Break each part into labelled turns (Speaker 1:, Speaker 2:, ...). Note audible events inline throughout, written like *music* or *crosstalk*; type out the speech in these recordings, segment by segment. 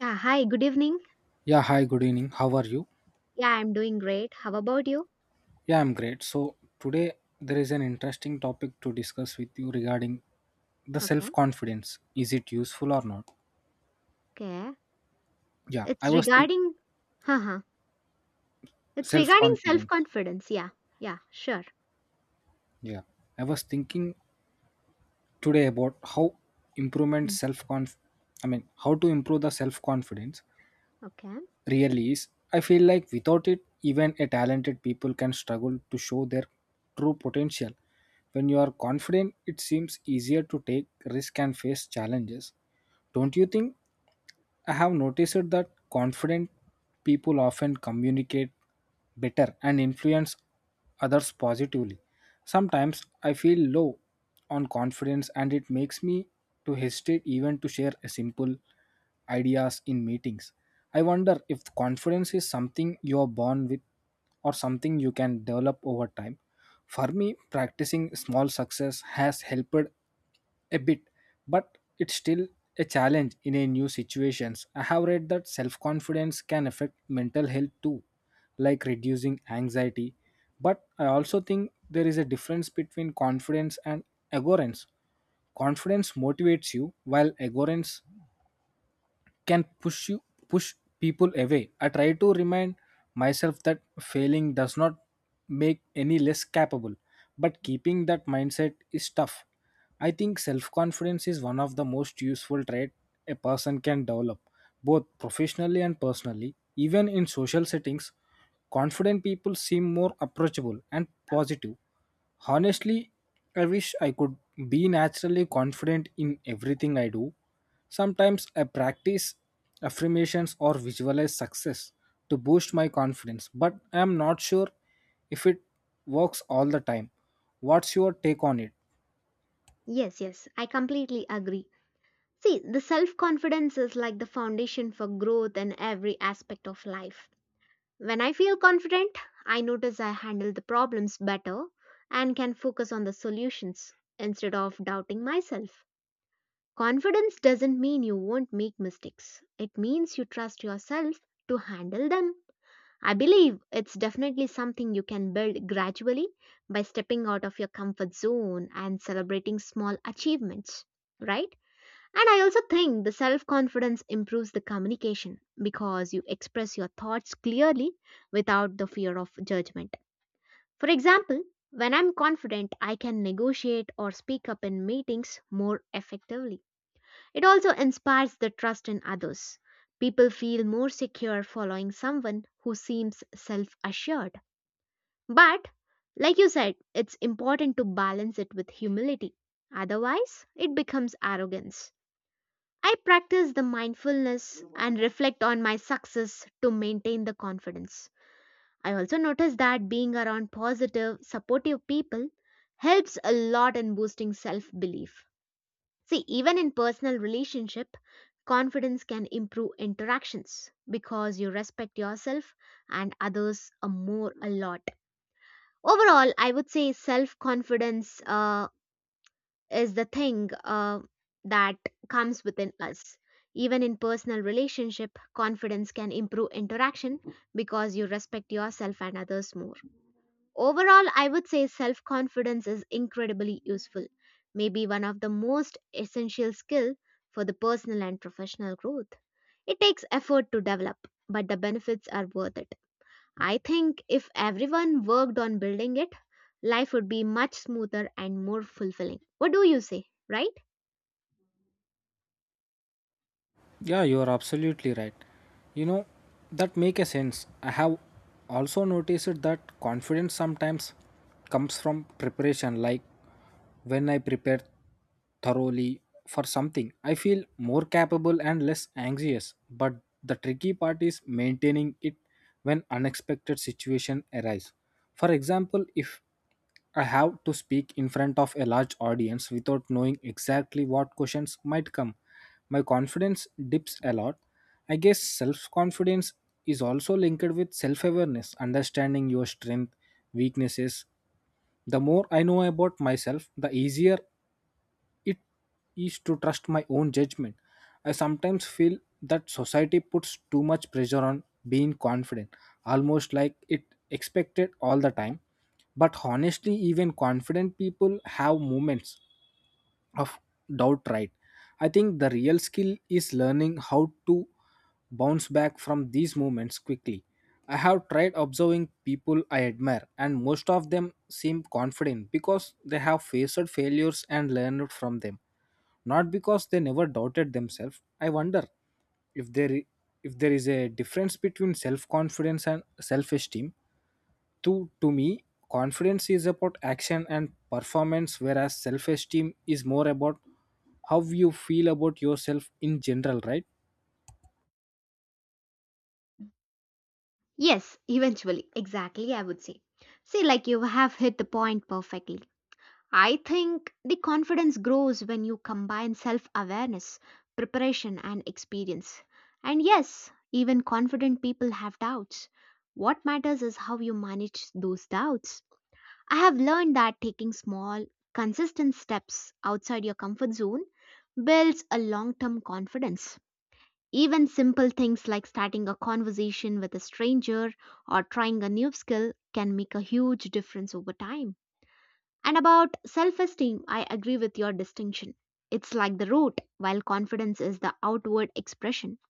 Speaker 1: Yeah, hi, good evening.
Speaker 2: Yeah, hi, good evening. How are you?
Speaker 1: Yeah, I'm doing great. How about you?
Speaker 2: Yeah, I'm great. So, today there is an interesting topic to discuss with you regarding the
Speaker 1: Okay.
Speaker 2: self confidence. Is it useful or not?
Speaker 1: Okay.
Speaker 2: Yeah, I
Speaker 1: It's
Speaker 2: was think
Speaker 1: regarding haha. It's
Speaker 2: self
Speaker 1: regarding
Speaker 2: confidence.
Speaker 1: self-confidence. Yeah. Yeah, sure.
Speaker 2: Yeah, I was thinking today about how improvement
Speaker 1: Mm.
Speaker 2: self conf I mean, how to improve the self confidence
Speaker 1: Okay.
Speaker 2: really is. I feel like without it, even a talented people can struggle to show their true potential. When you are confident, it seems easier to take risk and face challenges. Don't you think? I have noticed that confident people often communicate better and influence others positively. Sometimes I feel low on confidence and it makes me to hesitate even to share a simple ideas in meetings. I wonder if confidence is something you are born with or something you can develop over time. For me, practicing small success has helped a bit, but it's still a challenge in a new situations. I have read that self-confidence can affect mental health too, like reducing anxiety. But I also think there is a difference between confidence and arrogance. Confidence motivates you, while arrogance can push people away. I try to remind myself that failing does not make any less capable, but keeping that mindset is tough. I think self-confidence is one of the most useful trait a person can develop, both professionally and personally. Even in social settings, confident people seem more approachable and positive. Honestly, I wish I could be naturally confident in everything I do. Sometimes I practice affirmations or visualize success to boost my confidence, but I am not sure if it works all the time. What's your take on it?
Speaker 1: Yes. I completely agree. See, the self-confidence is like the foundation for growth in every aspect of life. When I feel confident, I notice I handle the problems better and can focus on the solutions instead of doubting myself. Confidence doesn't mean you won't make mistakes. It means you trust yourself to handle them. I believe it's definitely something you can build gradually by stepping out of your comfort zone and celebrating small achievements, right? And I also think the self confidence improves the communication because you express your thoughts clearly without the fear of judgment. For example, when I'm confident, I can negotiate or speak up in meetings more effectively. It also inspires the trust in others. People feel more secure following someone who seems self assured. But, like you said, it's important to balance it with humility. Otherwise, it becomes arrogance. I practice the mindfulness and reflect on my success to maintain the confidence. I also notice that being around positive, supportive people helps a lot in boosting self belief. See, even in personal relationship, confidence can improve interactions because you respect yourself and others a more a lot. Overall, I would say self confidence is the thing that comes within us. Even in personal relationship, confidence can improve interaction because you respect yourself and others more. Overall, I would say self confidence is incredibly useful, maybe one of the most essential skill for the personal and professional growth. It takes effort to develop, but the benefits are worth it. I think if everyone worked on building it, life would be much smoother and more fulfilling. What do you say, right?
Speaker 2: Yeah, you are absolutely right. You know, that make a sense. I have also noticed that confidence sometimes comes from preparation, like when I prepare thoroughly for something. I feel more capable and less anxious, but the tricky part is maintaining it when unexpected situation arise. For example, if I have to speak in front of a large audience without knowing exactly what questions might come, my confidence dips a lot. I guess self confidence is also linked with self awareness, understanding your strength, weaknesses. The more I know about myself, the easier it is to trust my own judgment. I sometimes feel that society puts too much pressure on being confident, almost like it expected all the time. But honestly, even confident people have moments of doubt, right? I think the real skill is learning how to bounce back from these moments quickly. I have tried observing people I admire, and most of them seem confident because they have faced failures and learned from them, not because they never doubted themselves. I wonder if there if there is a difference between self confidence and self esteem. To to me, confidence is about action and performance, whereas self-esteem is more about how you feel about yourself in general, right?
Speaker 1: Yes, *laughs* eventually. Exactly, I would say. See, like you have hit the point perfectly. I think the confidence grows when you combine self awareness, preparation, and experience. And yes, even confident people have doubts. What matters is how you manage those doubts. I have learned that taking small, consistent steps outside your comfort zone builds a long term confidence. Even simple things like starting a conversation with a stranger or trying a new skill can make a huge difference over time. And about self esteem, I agree with your distinction. It's like the root, while confidence is the outward expression.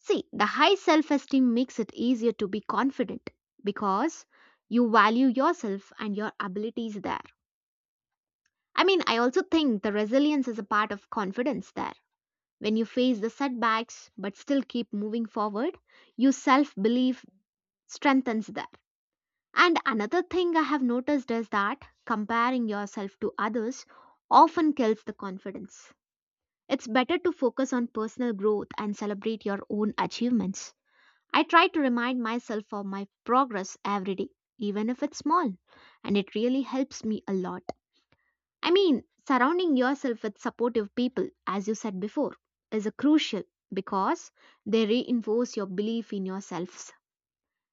Speaker 1: See, the high self esteem makes it easier to be confident because you value yourself and your abilities there. I mean, I also think the resilience is a part of confidence there. When you face the setbacks but still keep moving forward, your self belief strengthens there. And another thing I have noticed is that comparing yourself to others often kills the confidence. It's better to focus on personal growth and celebrate your own achievements. I try to remind myself of my progress every day, even if it's small, and it really helps me a lot. I mean, surrounding yourself with supportive people, as you said before, is a crucial because they reinforce your belief in yourself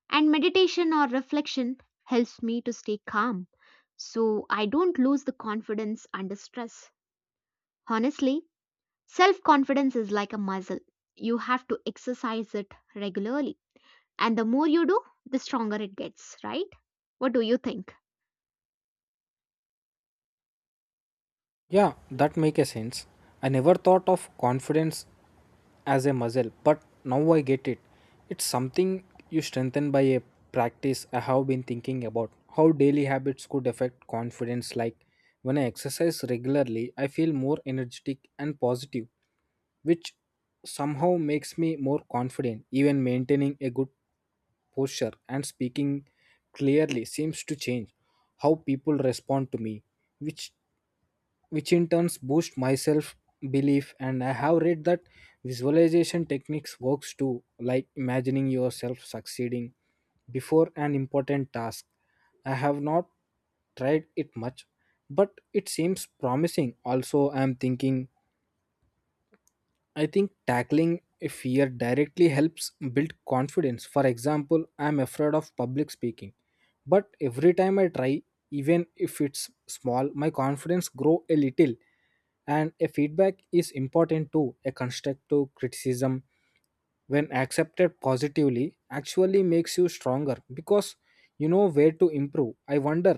Speaker 1: and meditation or reflection helps me to stay calm so I don't lose the confidence under stress. Honestly, self confidence is like a muscle. You have to exercise it regularly. And the more you do, the stronger it gets, right? What do you think?
Speaker 2: Yeah, that make a sense. I never thought of confidence as a muscle, but now I get it. It's something you strengthen by a practice. I have been thinking about how daily habits could affect confidence, like when I exercise regularly, I feel more energetic and positive, which somehow makes me more confident. Even maintaining a good posture and speaking clearly seems to change how people respond to me, which which in turns boost my self belief. And I have read that visualization techniques works too, like imagining yourself succeeding before an important task. I have not tried it much, but it seems promising. Also, I think tackling a fear directly helps build confidence. For example, I'm afraid of public speaking, but every time I try, even if it's small, my confidence grow a little. And a feedback is important too. A constructive criticism when accepted positively actually makes you stronger, because you know where to improve. I wonder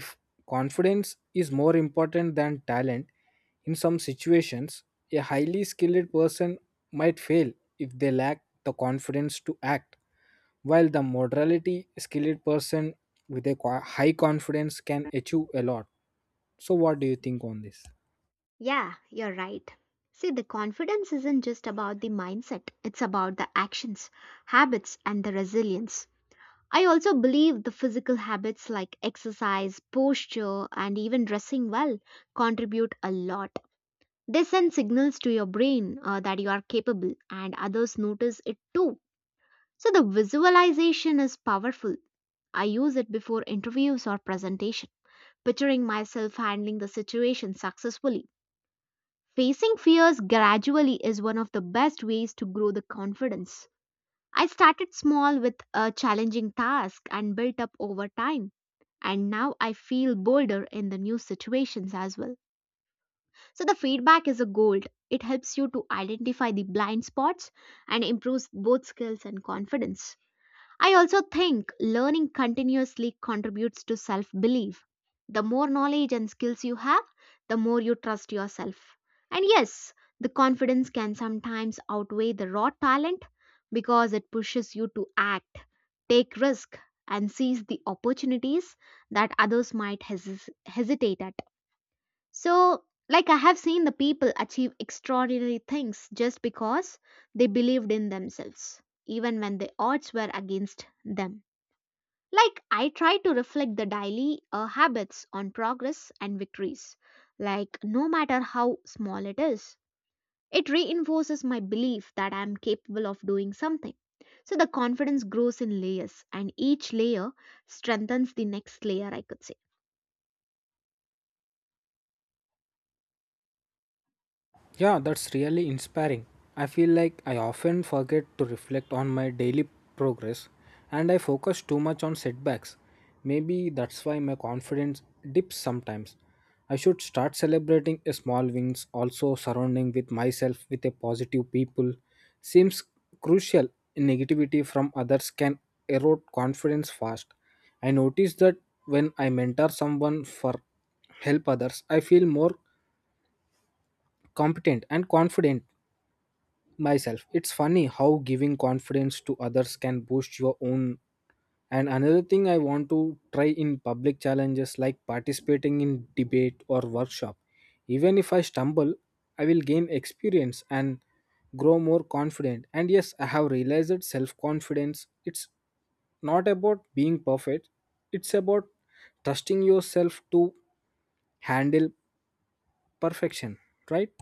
Speaker 2: if confidence is more important than talent. In some situations, a highly skilled person might fail if they lack the confidence to act, while the modality skilled person with a high confidence can achieve a lot. So what do you think on this?
Speaker 1: Yeah, you're right. See, the confidence isn't just about the mindset, it's about the actions, habits, and the resilience. I also believe the physical habits like exercise, posture, and even dressing well contribute a lot. They send signals to your brain that you are capable, and others notice it too. So, the visualization is powerful. I use it before interviews or presentation, picturing myself handling the situation successfully. Facing fears gradually is one of the best ways to grow the confidence. I started small with a challenging task and built up over time and now I feel bolder in the new situations as well. So the feedback is a gold. It helps you to identify the blind spots and improves both skills and confidence. I also think learning continuously contributes to self belief. The more knowledge and skills you have, the more you trust yourself. And yes, the confidence can sometimes outweigh the raw talent because it pushes you to act, take risk, and seize the opportunities that others might hesitate at. So, like I have seen the people achieve extraordinary things just because they believed in themselves, even when the odds were against them. Like I try to reflect the daily habits on progress and victories, like no matter how small it is. It reinforces my belief that I am capable of doing something. So the confidence grows in layers, and each layer strengthens the next layer, I could say.
Speaker 2: Yeah, that's really inspiring. I feel like I often forget to reflect on my daily progress and I focus too much on setbacks. Maybe that's why my confidence dips sometimes. I should start celebrating a small wins. Also, surrounding with myself with a positive people seems crucial. Negativity from others can erode confidence fast. I notice that when I mentor someone for help others, I feel more competent and confident myself. It's funny how giving confidence to others can boost your own. And another thing I want to try in public challenges, like participating in debate or workshop. Even if I stumble, I will gain experience and grow more confident. And yes, I have realized that self confidence it's not about being perfect. It's about trusting yourself to handle perfection, right?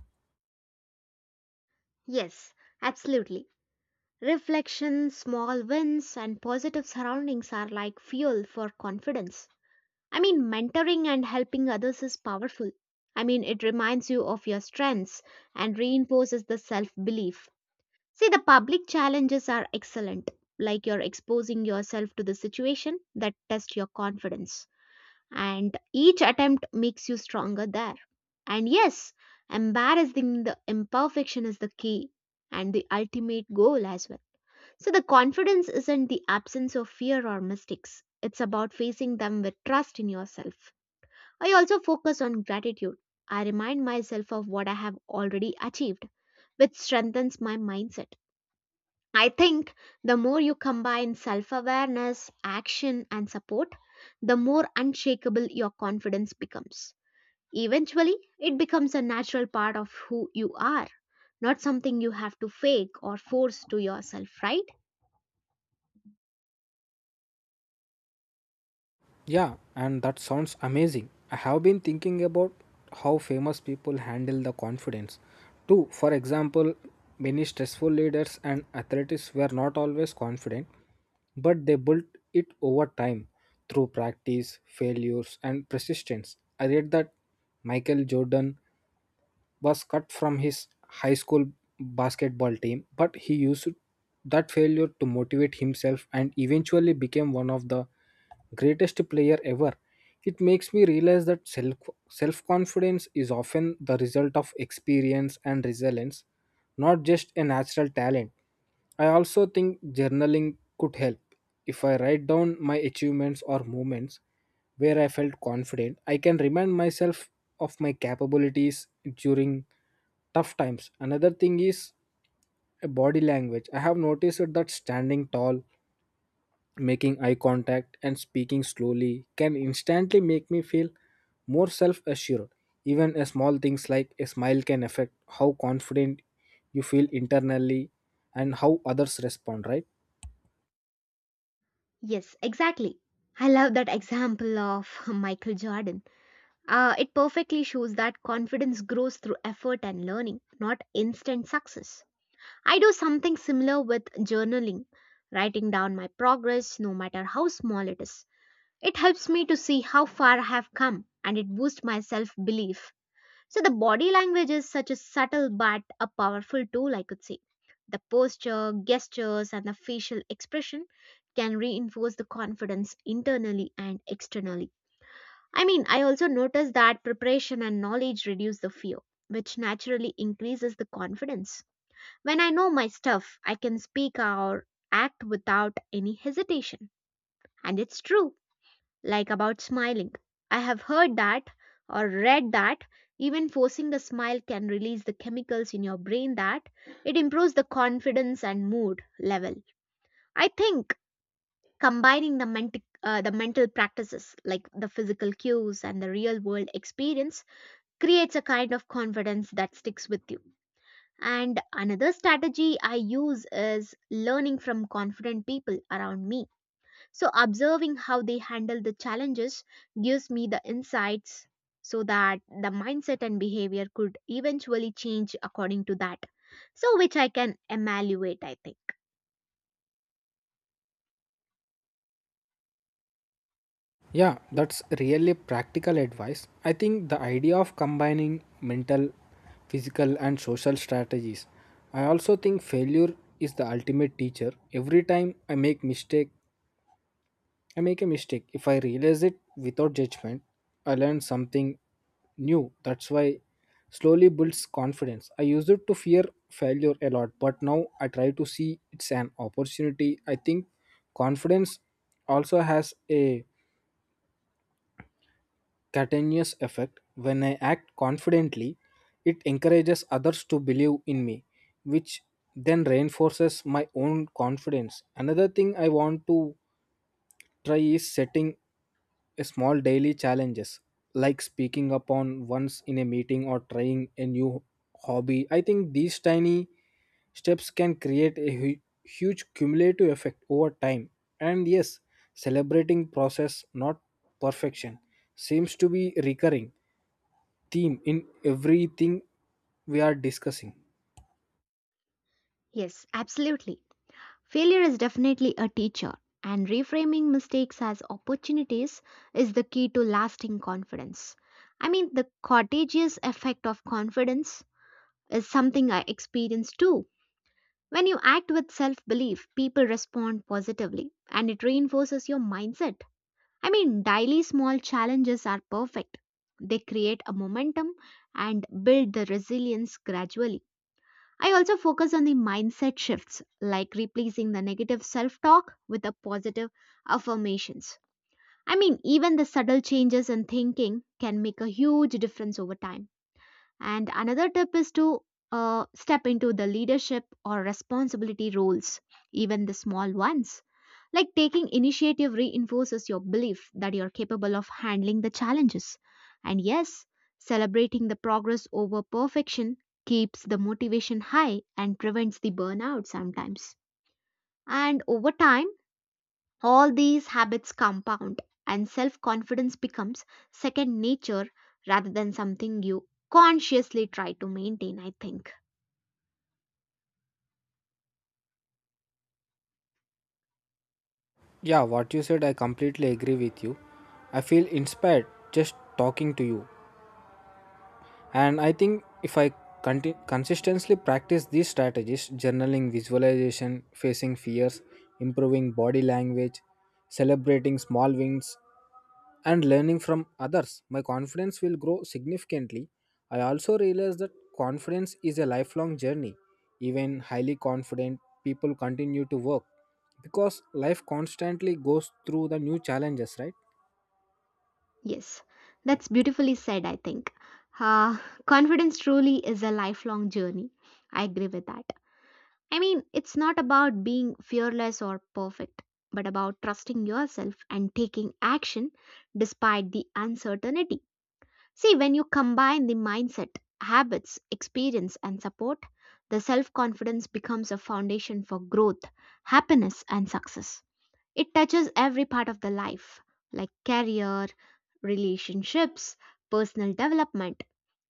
Speaker 1: Yes, absolutely. Reflection, small wins, and positive surroundings are like fuel for confidence. I mean, mentoring and helping others is powerful. I mean, it reminds you of your strengths and reinforces the self belief. See, the public challenges are excellent, like you're exposing yourself to the situation that test your confidence. And each attempt makes you stronger there. And yes, embarrassing the imperfection is the key and the ultimate goal as well. So the confidence isn't the absence of fear or mistakes. It's about facing them with trust in yourself. I also focus on gratitude. I remind myself of what I have already achieved, which strengthens my mindset. I think the more you combine self awareness, action, and support, the more unshakable your confidence becomes. Eventually, it becomes a natural part of who you are, not something you have to fake or force to yourself, right?
Speaker 2: Yeah, and that sounds amazing. I have been thinking about how famous people handle the confidence too. For example, many stressful leaders and athletes were not always confident, but they built it over time through practice, failures, and persistence. I read that Michael Jordan was cut from his high school basketball team, but he used that failure to motivate himself and eventually became one of the greatest player ever. It makes me realize that self confidence is often the result of experience and resilience, not just a natural talent. I also think journaling could help. If I write down my achievements or moments where I felt confident, I can remind myself of my capabilities during tough times. Another thing is a body language. I have noticed that standing tall, making eye contact and speaking slowly can instantly make me feel more self assured. Even a small things like a smile can affect how confident you feel internally and how others respond, right?
Speaker 1: Yes, exactly. I love that example of *laughs* Michael Jordan. It perfectly shows that confidence grows through effort and learning, not instant success. I do something similar with journaling, writing down my progress, no matter how small it is. It helps me to see how far I have come and it boosts my self belief. So the body language is such a subtle but a powerful tool, I could say. The posture, gestures, and the facial expression can reinforce the confidence internally and externally. I mean, I also noticed that preparation and knowledge reduce the fear, which naturally increases the confidence. When I know my stuff, I can speak or act without any hesitation. And it's true like about smiling. I have heard that or read that even forcing a smile can release the chemicals in your brain that it improves the confidence and mood level. I think combining the mental practices like the physical cues and the real world experience creates a kind of confidence that sticks with you. And another strategy I use is learning from confident people around me so, observing how they handle the challenges gives me the insights so that the mindset and behavior could eventually change according to that. So, which I can evaluate, I think.
Speaker 2: Yeah, that's really practical advice. I think the idea of combining mental, physical, and social strategies. I also think failure is the ultimate teacher. Every time I make a mistake. If I realize it without judgment, I learn something new. That's why slowly builds confidence. I used it to fear failure a lot, but now I try to see it's an opportunity. I think confidence also has a continuous effect. When I act confidently, it encourages others to believe in me, which then reinforces my own confidence. Another thing I want to try is setting a small daily challenges, like speaking up on once in a meeting or trying a new hobby. I think these tiny steps can create a huge cumulative effect over time. And yes, celebrating process not perfection seems to be recurring theme in everything we are discussing.
Speaker 1: Yes, absolutely. Failure is definitely a teacher, and reframing mistakes as opportunities is the key to lasting confidence. I mean, the contagious effect of confidence is something I experienced too. When you act with self belief, people respond positively and it reinforces your mindset. I mean, daily small challenges are perfect. They create a momentum and build the resilience gradually. I also focus on the mindset shifts, like replacing the negative self talk with the positive affirmations. I mean, even the subtle changes in thinking can make a huge difference over time. And another tip is to step into the leadership or responsibility roles, even the small ones. Like taking initiative reinforces your belief that you're capable of handling the challenges. And yes, celebrating the progress over perfection keeps the motivation high and prevents the burnout sometimes. And over time, all these habits compound, and self confidence becomes second nature rather than something you consciously try to maintain, I think.
Speaker 2: Yeah, what you said, I completely agree with you. I feel inspired just talking to you. And I think if I consistently practice these strategies, journaling, visualization, facing fears, improving body language, celebrating small wins, and learning from others, my confidence will grow significantly. I also realize that confidence is a lifelong journey. Even highly confident people continue to work because life constantly goes through the new challenges, right?
Speaker 1: Yes, that's beautifully said, I think. Uh, *laughs* Confidence truly is a lifelong journey. I agree with that. I mean, it's not about being fearless or perfect, but about trusting yourself and taking action despite the uncertainty. See, when you combine the mindset, habits, experience, and support, the self confidence becomes a foundation for growth, happiness, and success. It touches every part of the life, like career, relationships, personal development,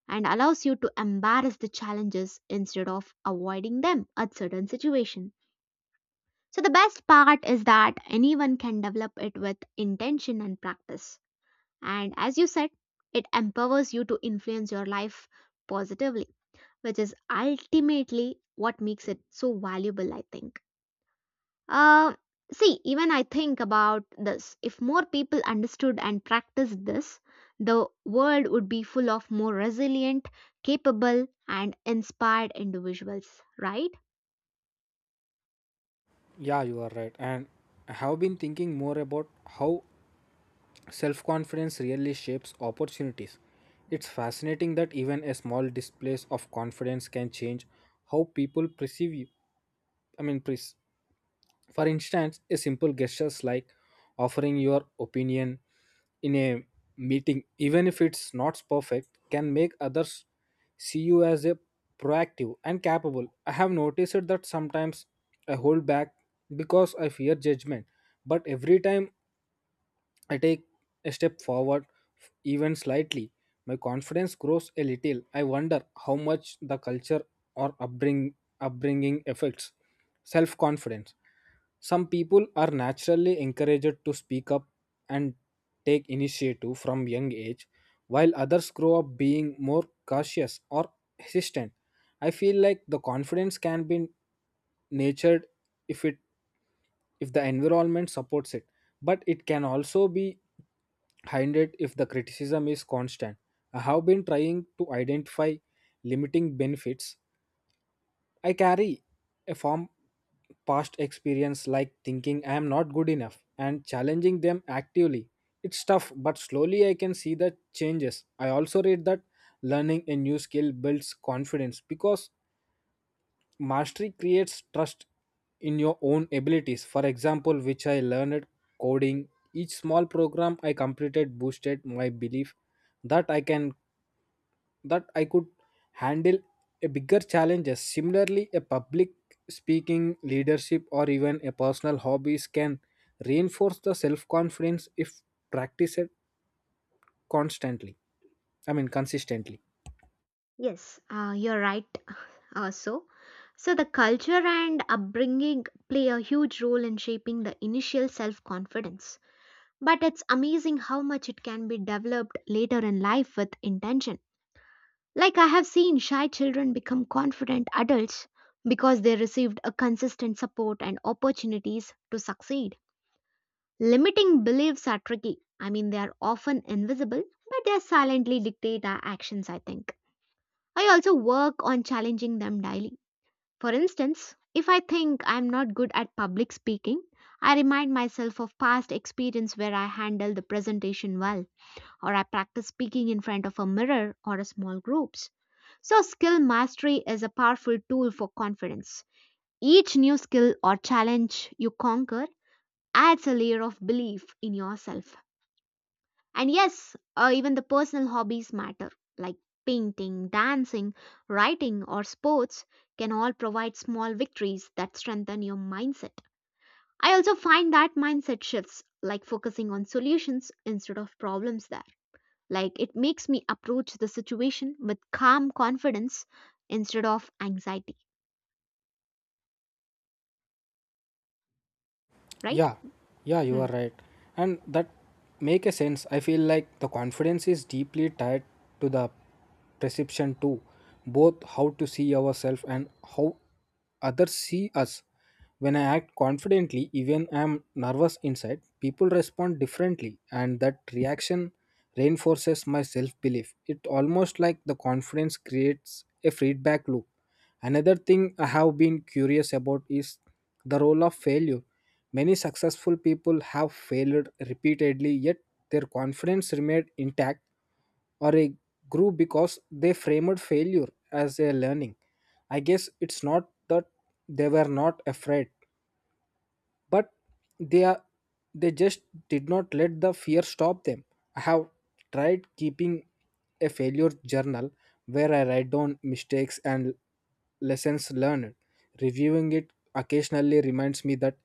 Speaker 1: and allows you to embrace the challenges instead of avoiding them at certain situation. So the best part is that anyone can develop it with intention and practice. And as you said, it empowers you to influence your life positively, which is ultimately what makes it so valuable, I think. Uh, see, even I think about this. If more people understood and practiced this, the world would be full of more resilient, capable, and inspired individuals, right?
Speaker 2: Yeah, you are right. And I have been thinking more about how self confidence really shapes opportunities. It's fascinating that even a small displays of confidence can change how people perceive you. I mean, for instance, a simple gestures like offering your opinion in a meeting, even if it's not perfect, can make others see you as a proactive and capable. I have noticed that sometimes I hold back because I fear judgment, but every time I take a step forward, even slightly, my confidence grows a little. I wonder how much the culture or upbringing affects self confidence. Some people are naturally encouraged to speak up and take initiative from young age, while others grow up being more cautious or hesitant. I feel like the confidence can be nurtured if it if the environment supports it, but it can also be hindered if the criticism is constant. I have been trying to identify limiting benefits. I carry a form past experience like thinking I am not good enough and challenging them actively. It's tough, but slowly I can see the changes. I also read that learning a new skill builds confidence because mastery creates trust in your own abilities. For example, which I learned coding, each small program I completed boosted my belief that I can that I could handle a bigger challenges. Similarly, a public speaking, leadership or even a personal hobbies can reinforce the self-confidence if practiced constantly. I mean consistently.
Speaker 1: Yes, you're right. *laughs* Also, so the culture and upbringing play a huge role in shaping the initial self confidence. But it's amazing how much it can be developed later in life with intention. Like I have seen shy children become confident adults because they received a consistent support and opportunities to succeed. Limiting beliefs are tricky. I mean, they are often invisible, but they silently dictate our actions, I think. I also work on challenging them daily. For instance, if I think I'm not good at public speaking, I remind myself of past experience where I handled the presentation well or I practice speaking in front of a mirror or a small groups. So skill mastery is a powerful tool for confidence. Each new skill or challenge you conquer adds a layer of belief in yourself. And yes, even the personal hobbies matter like painting, dancing, writing or sports can all provide small victories that strengthen your mindset. I also find that mindset shifts like focusing on solutions instead of problems there like it makes me approach the situation with calm confidence instead of anxiety, right?
Speaker 2: Yeah, yeah, you
Speaker 1: Hmm.
Speaker 2: are right. And that make a sense. I feel like the confidence is deeply tied to the perception too, both how to see ourselves and how others see us. When I act confidently, even I am nervous inside, people respond differently, and that reaction reinforces my self belief. It almost like the confidence creates a feedback loop. Another thing I have been curious about is the role of failure. Many successful people have failed repeatedly, yet their confidence remained intact or a grew because they framed failure as a learning. I guess it's not that they were not afraid, but they are they just did not let the fear stop them. I have tried keeping a failure journal where I write down mistakes and lessons learned. Reviewing it occasionally reminds me that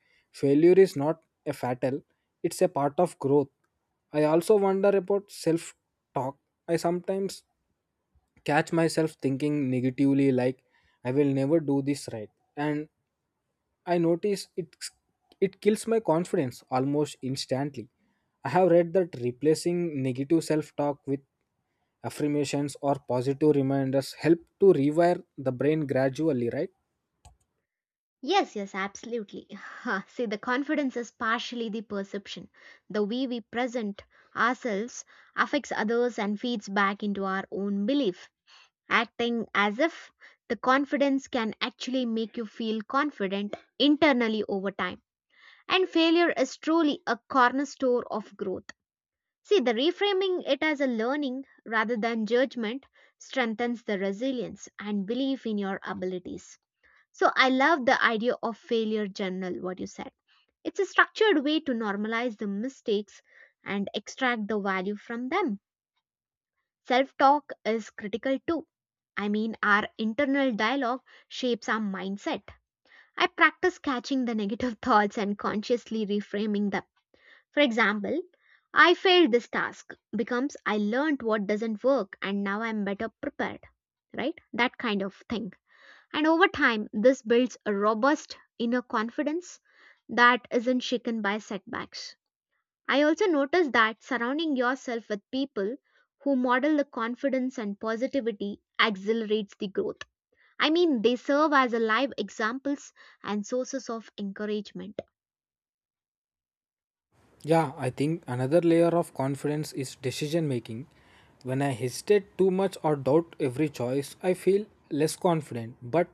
Speaker 2: failure is not a fatal, it's a part of growth. I also wonder about self talk. I sometimes catch myself thinking negatively, like I will never do this right, and I notice it, it kills my confidence almost instantly. I have read that replacing negative self-talk with affirmations or positive reminders help to rewire the brain gradually, right?
Speaker 1: Yes, yes, absolutely. *laughs* See, the confidence is partially the perception. The way we present ourselves affects others and feeds back into our own belief. Acting as if the confidence can actually make you feel confident internally over time. And failure is truly a cornerstone of growth. See, the reframing it as a learning rather than judgment strengthens the resilience and belief in your abilities. So, I love the idea of failure journal, what you said. It's a structured way to normalize the mistakes and extract the value from them. Self talk is critical too. I mean, our internal dialogue shapes our mindset. I practice catching the negative *laughs* thoughts and consciously reframing them for example, I failed this task becomes I learned what doesn't work and now I'm better prepared, right? That kind of thing. And over time, this builds a robust inner confidence that isn't shaken by setbacks. I also noticed that surrounding yourself with people who model the confidence and positivity accelerates the growth. I mean, they serve as a live examples and sources of encouragement.
Speaker 2: Yeah, I think another layer of confidence is decision making. When I hesitate too much or doubt every choice, I feel less confident. But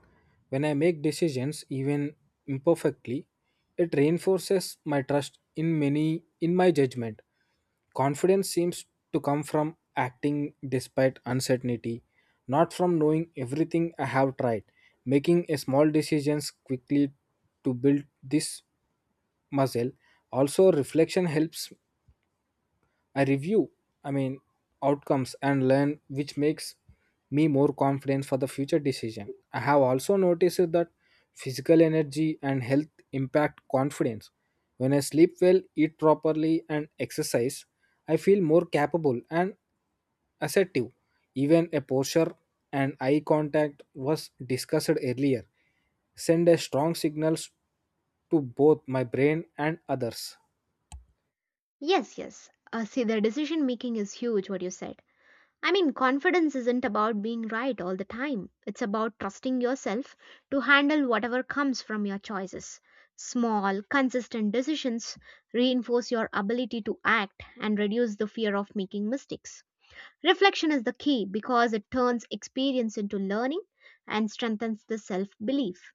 Speaker 2: when I make decisions even imperfectly, it reinforces my trust in my judgment. Confidence seems to come from acting despite uncertainty, not from knowing everything I have tried. Making a small decisions quickly to build this muscle. Also reflection helps. I review, I mean, outcomes and learn, which makes me more confident for the future decision. I have also noticed that physical energy and health impact confidence. When I sleep well, eat properly and exercise, I feel more capable and assertive. Even a posture and eye contact, was discussed earlier, send a strong signals to both my brain and others.
Speaker 1: Yes, yes. See, the decision making is huge, what you said. I mean, confidence isn't about being right all the time. It's about trusting yourself to handle whatever comes from your choices. Small, consistent decisions reinforce your ability to act and reduce the fear of making mistakes. Reflection is the key because it turns experience into learning and strengthens the self belief.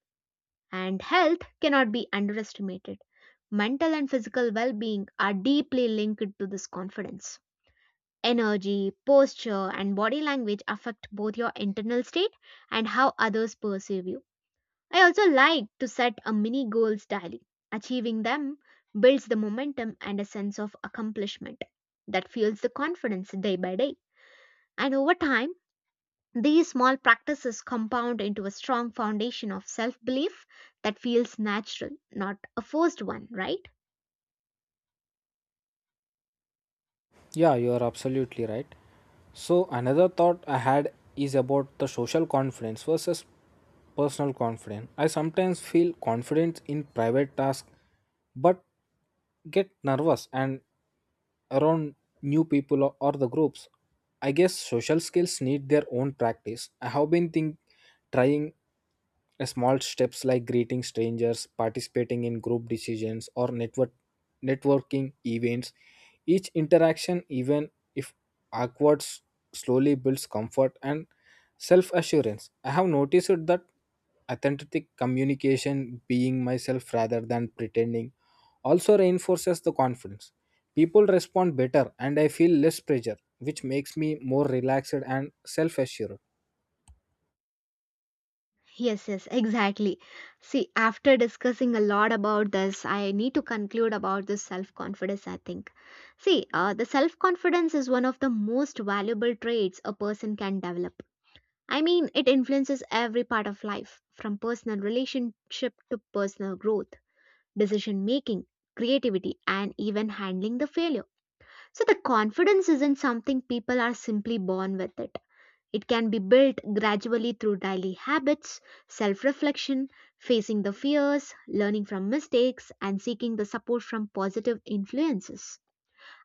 Speaker 1: And health cannot be underestimated. Mental and physical well being are deeply linked to this confidence. Energy, posture, and body language affect both your internal state and how others perceive you. I also like to set a mini goals daily. Achieving them builds the momentum and a sense of accomplishment that fuels the confidence day by day. And over time, these small practices compound into a strong foundation of self belief that feels natural, not a forced one, right?
Speaker 2: Yeah, you are absolutely right. So, another thought I had is about the social confidence versus personal confidence. I sometimes feel confident in private tasks but get nervous and around new people or the groups. I guess social skills need their own practice. I have been think trying a small steps like greeting strangers, participating in group decisions or networking events. Each interaction, even if awkward, slowly builds comfort and self assurance. I have noticed that authentic communication, being myself rather than pretending, also reinforces the confidence. People respond better and I feel less pressure, which makes me more relaxed and self assured.
Speaker 1: Yes, yes, exactly. See, after discussing a lot about this, I need to conclude about this self confidence, I think. See, the self confidence is one of the most valuable traits a person can develop. I mean, it influences every part of life, from personal relationship to personal growth, decision making, creativity, and even handling the failure. So, the confidence isn't something people are simply born with it it can be built gradually through daily habits, self reflection, facing the fears, learning from mistakes, and seeking the support from positive influences.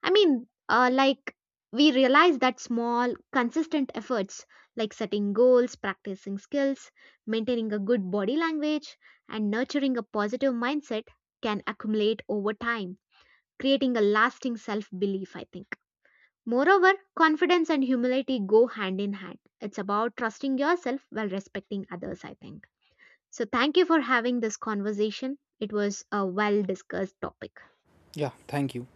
Speaker 1: I mean, like we realize that small, consistent efforts like setting goals, practicing skills, maintaining a good body language, and nurturing a positive mindset can accumulate over time, creating a lasting self belief, I think. Moreover, confidence and humility go hand in hand. It's about trusting yourself while respecting others, I think. So, thank you for having this conversation. It was a well discussed topic.
Speaker 2: Yeah, thank you.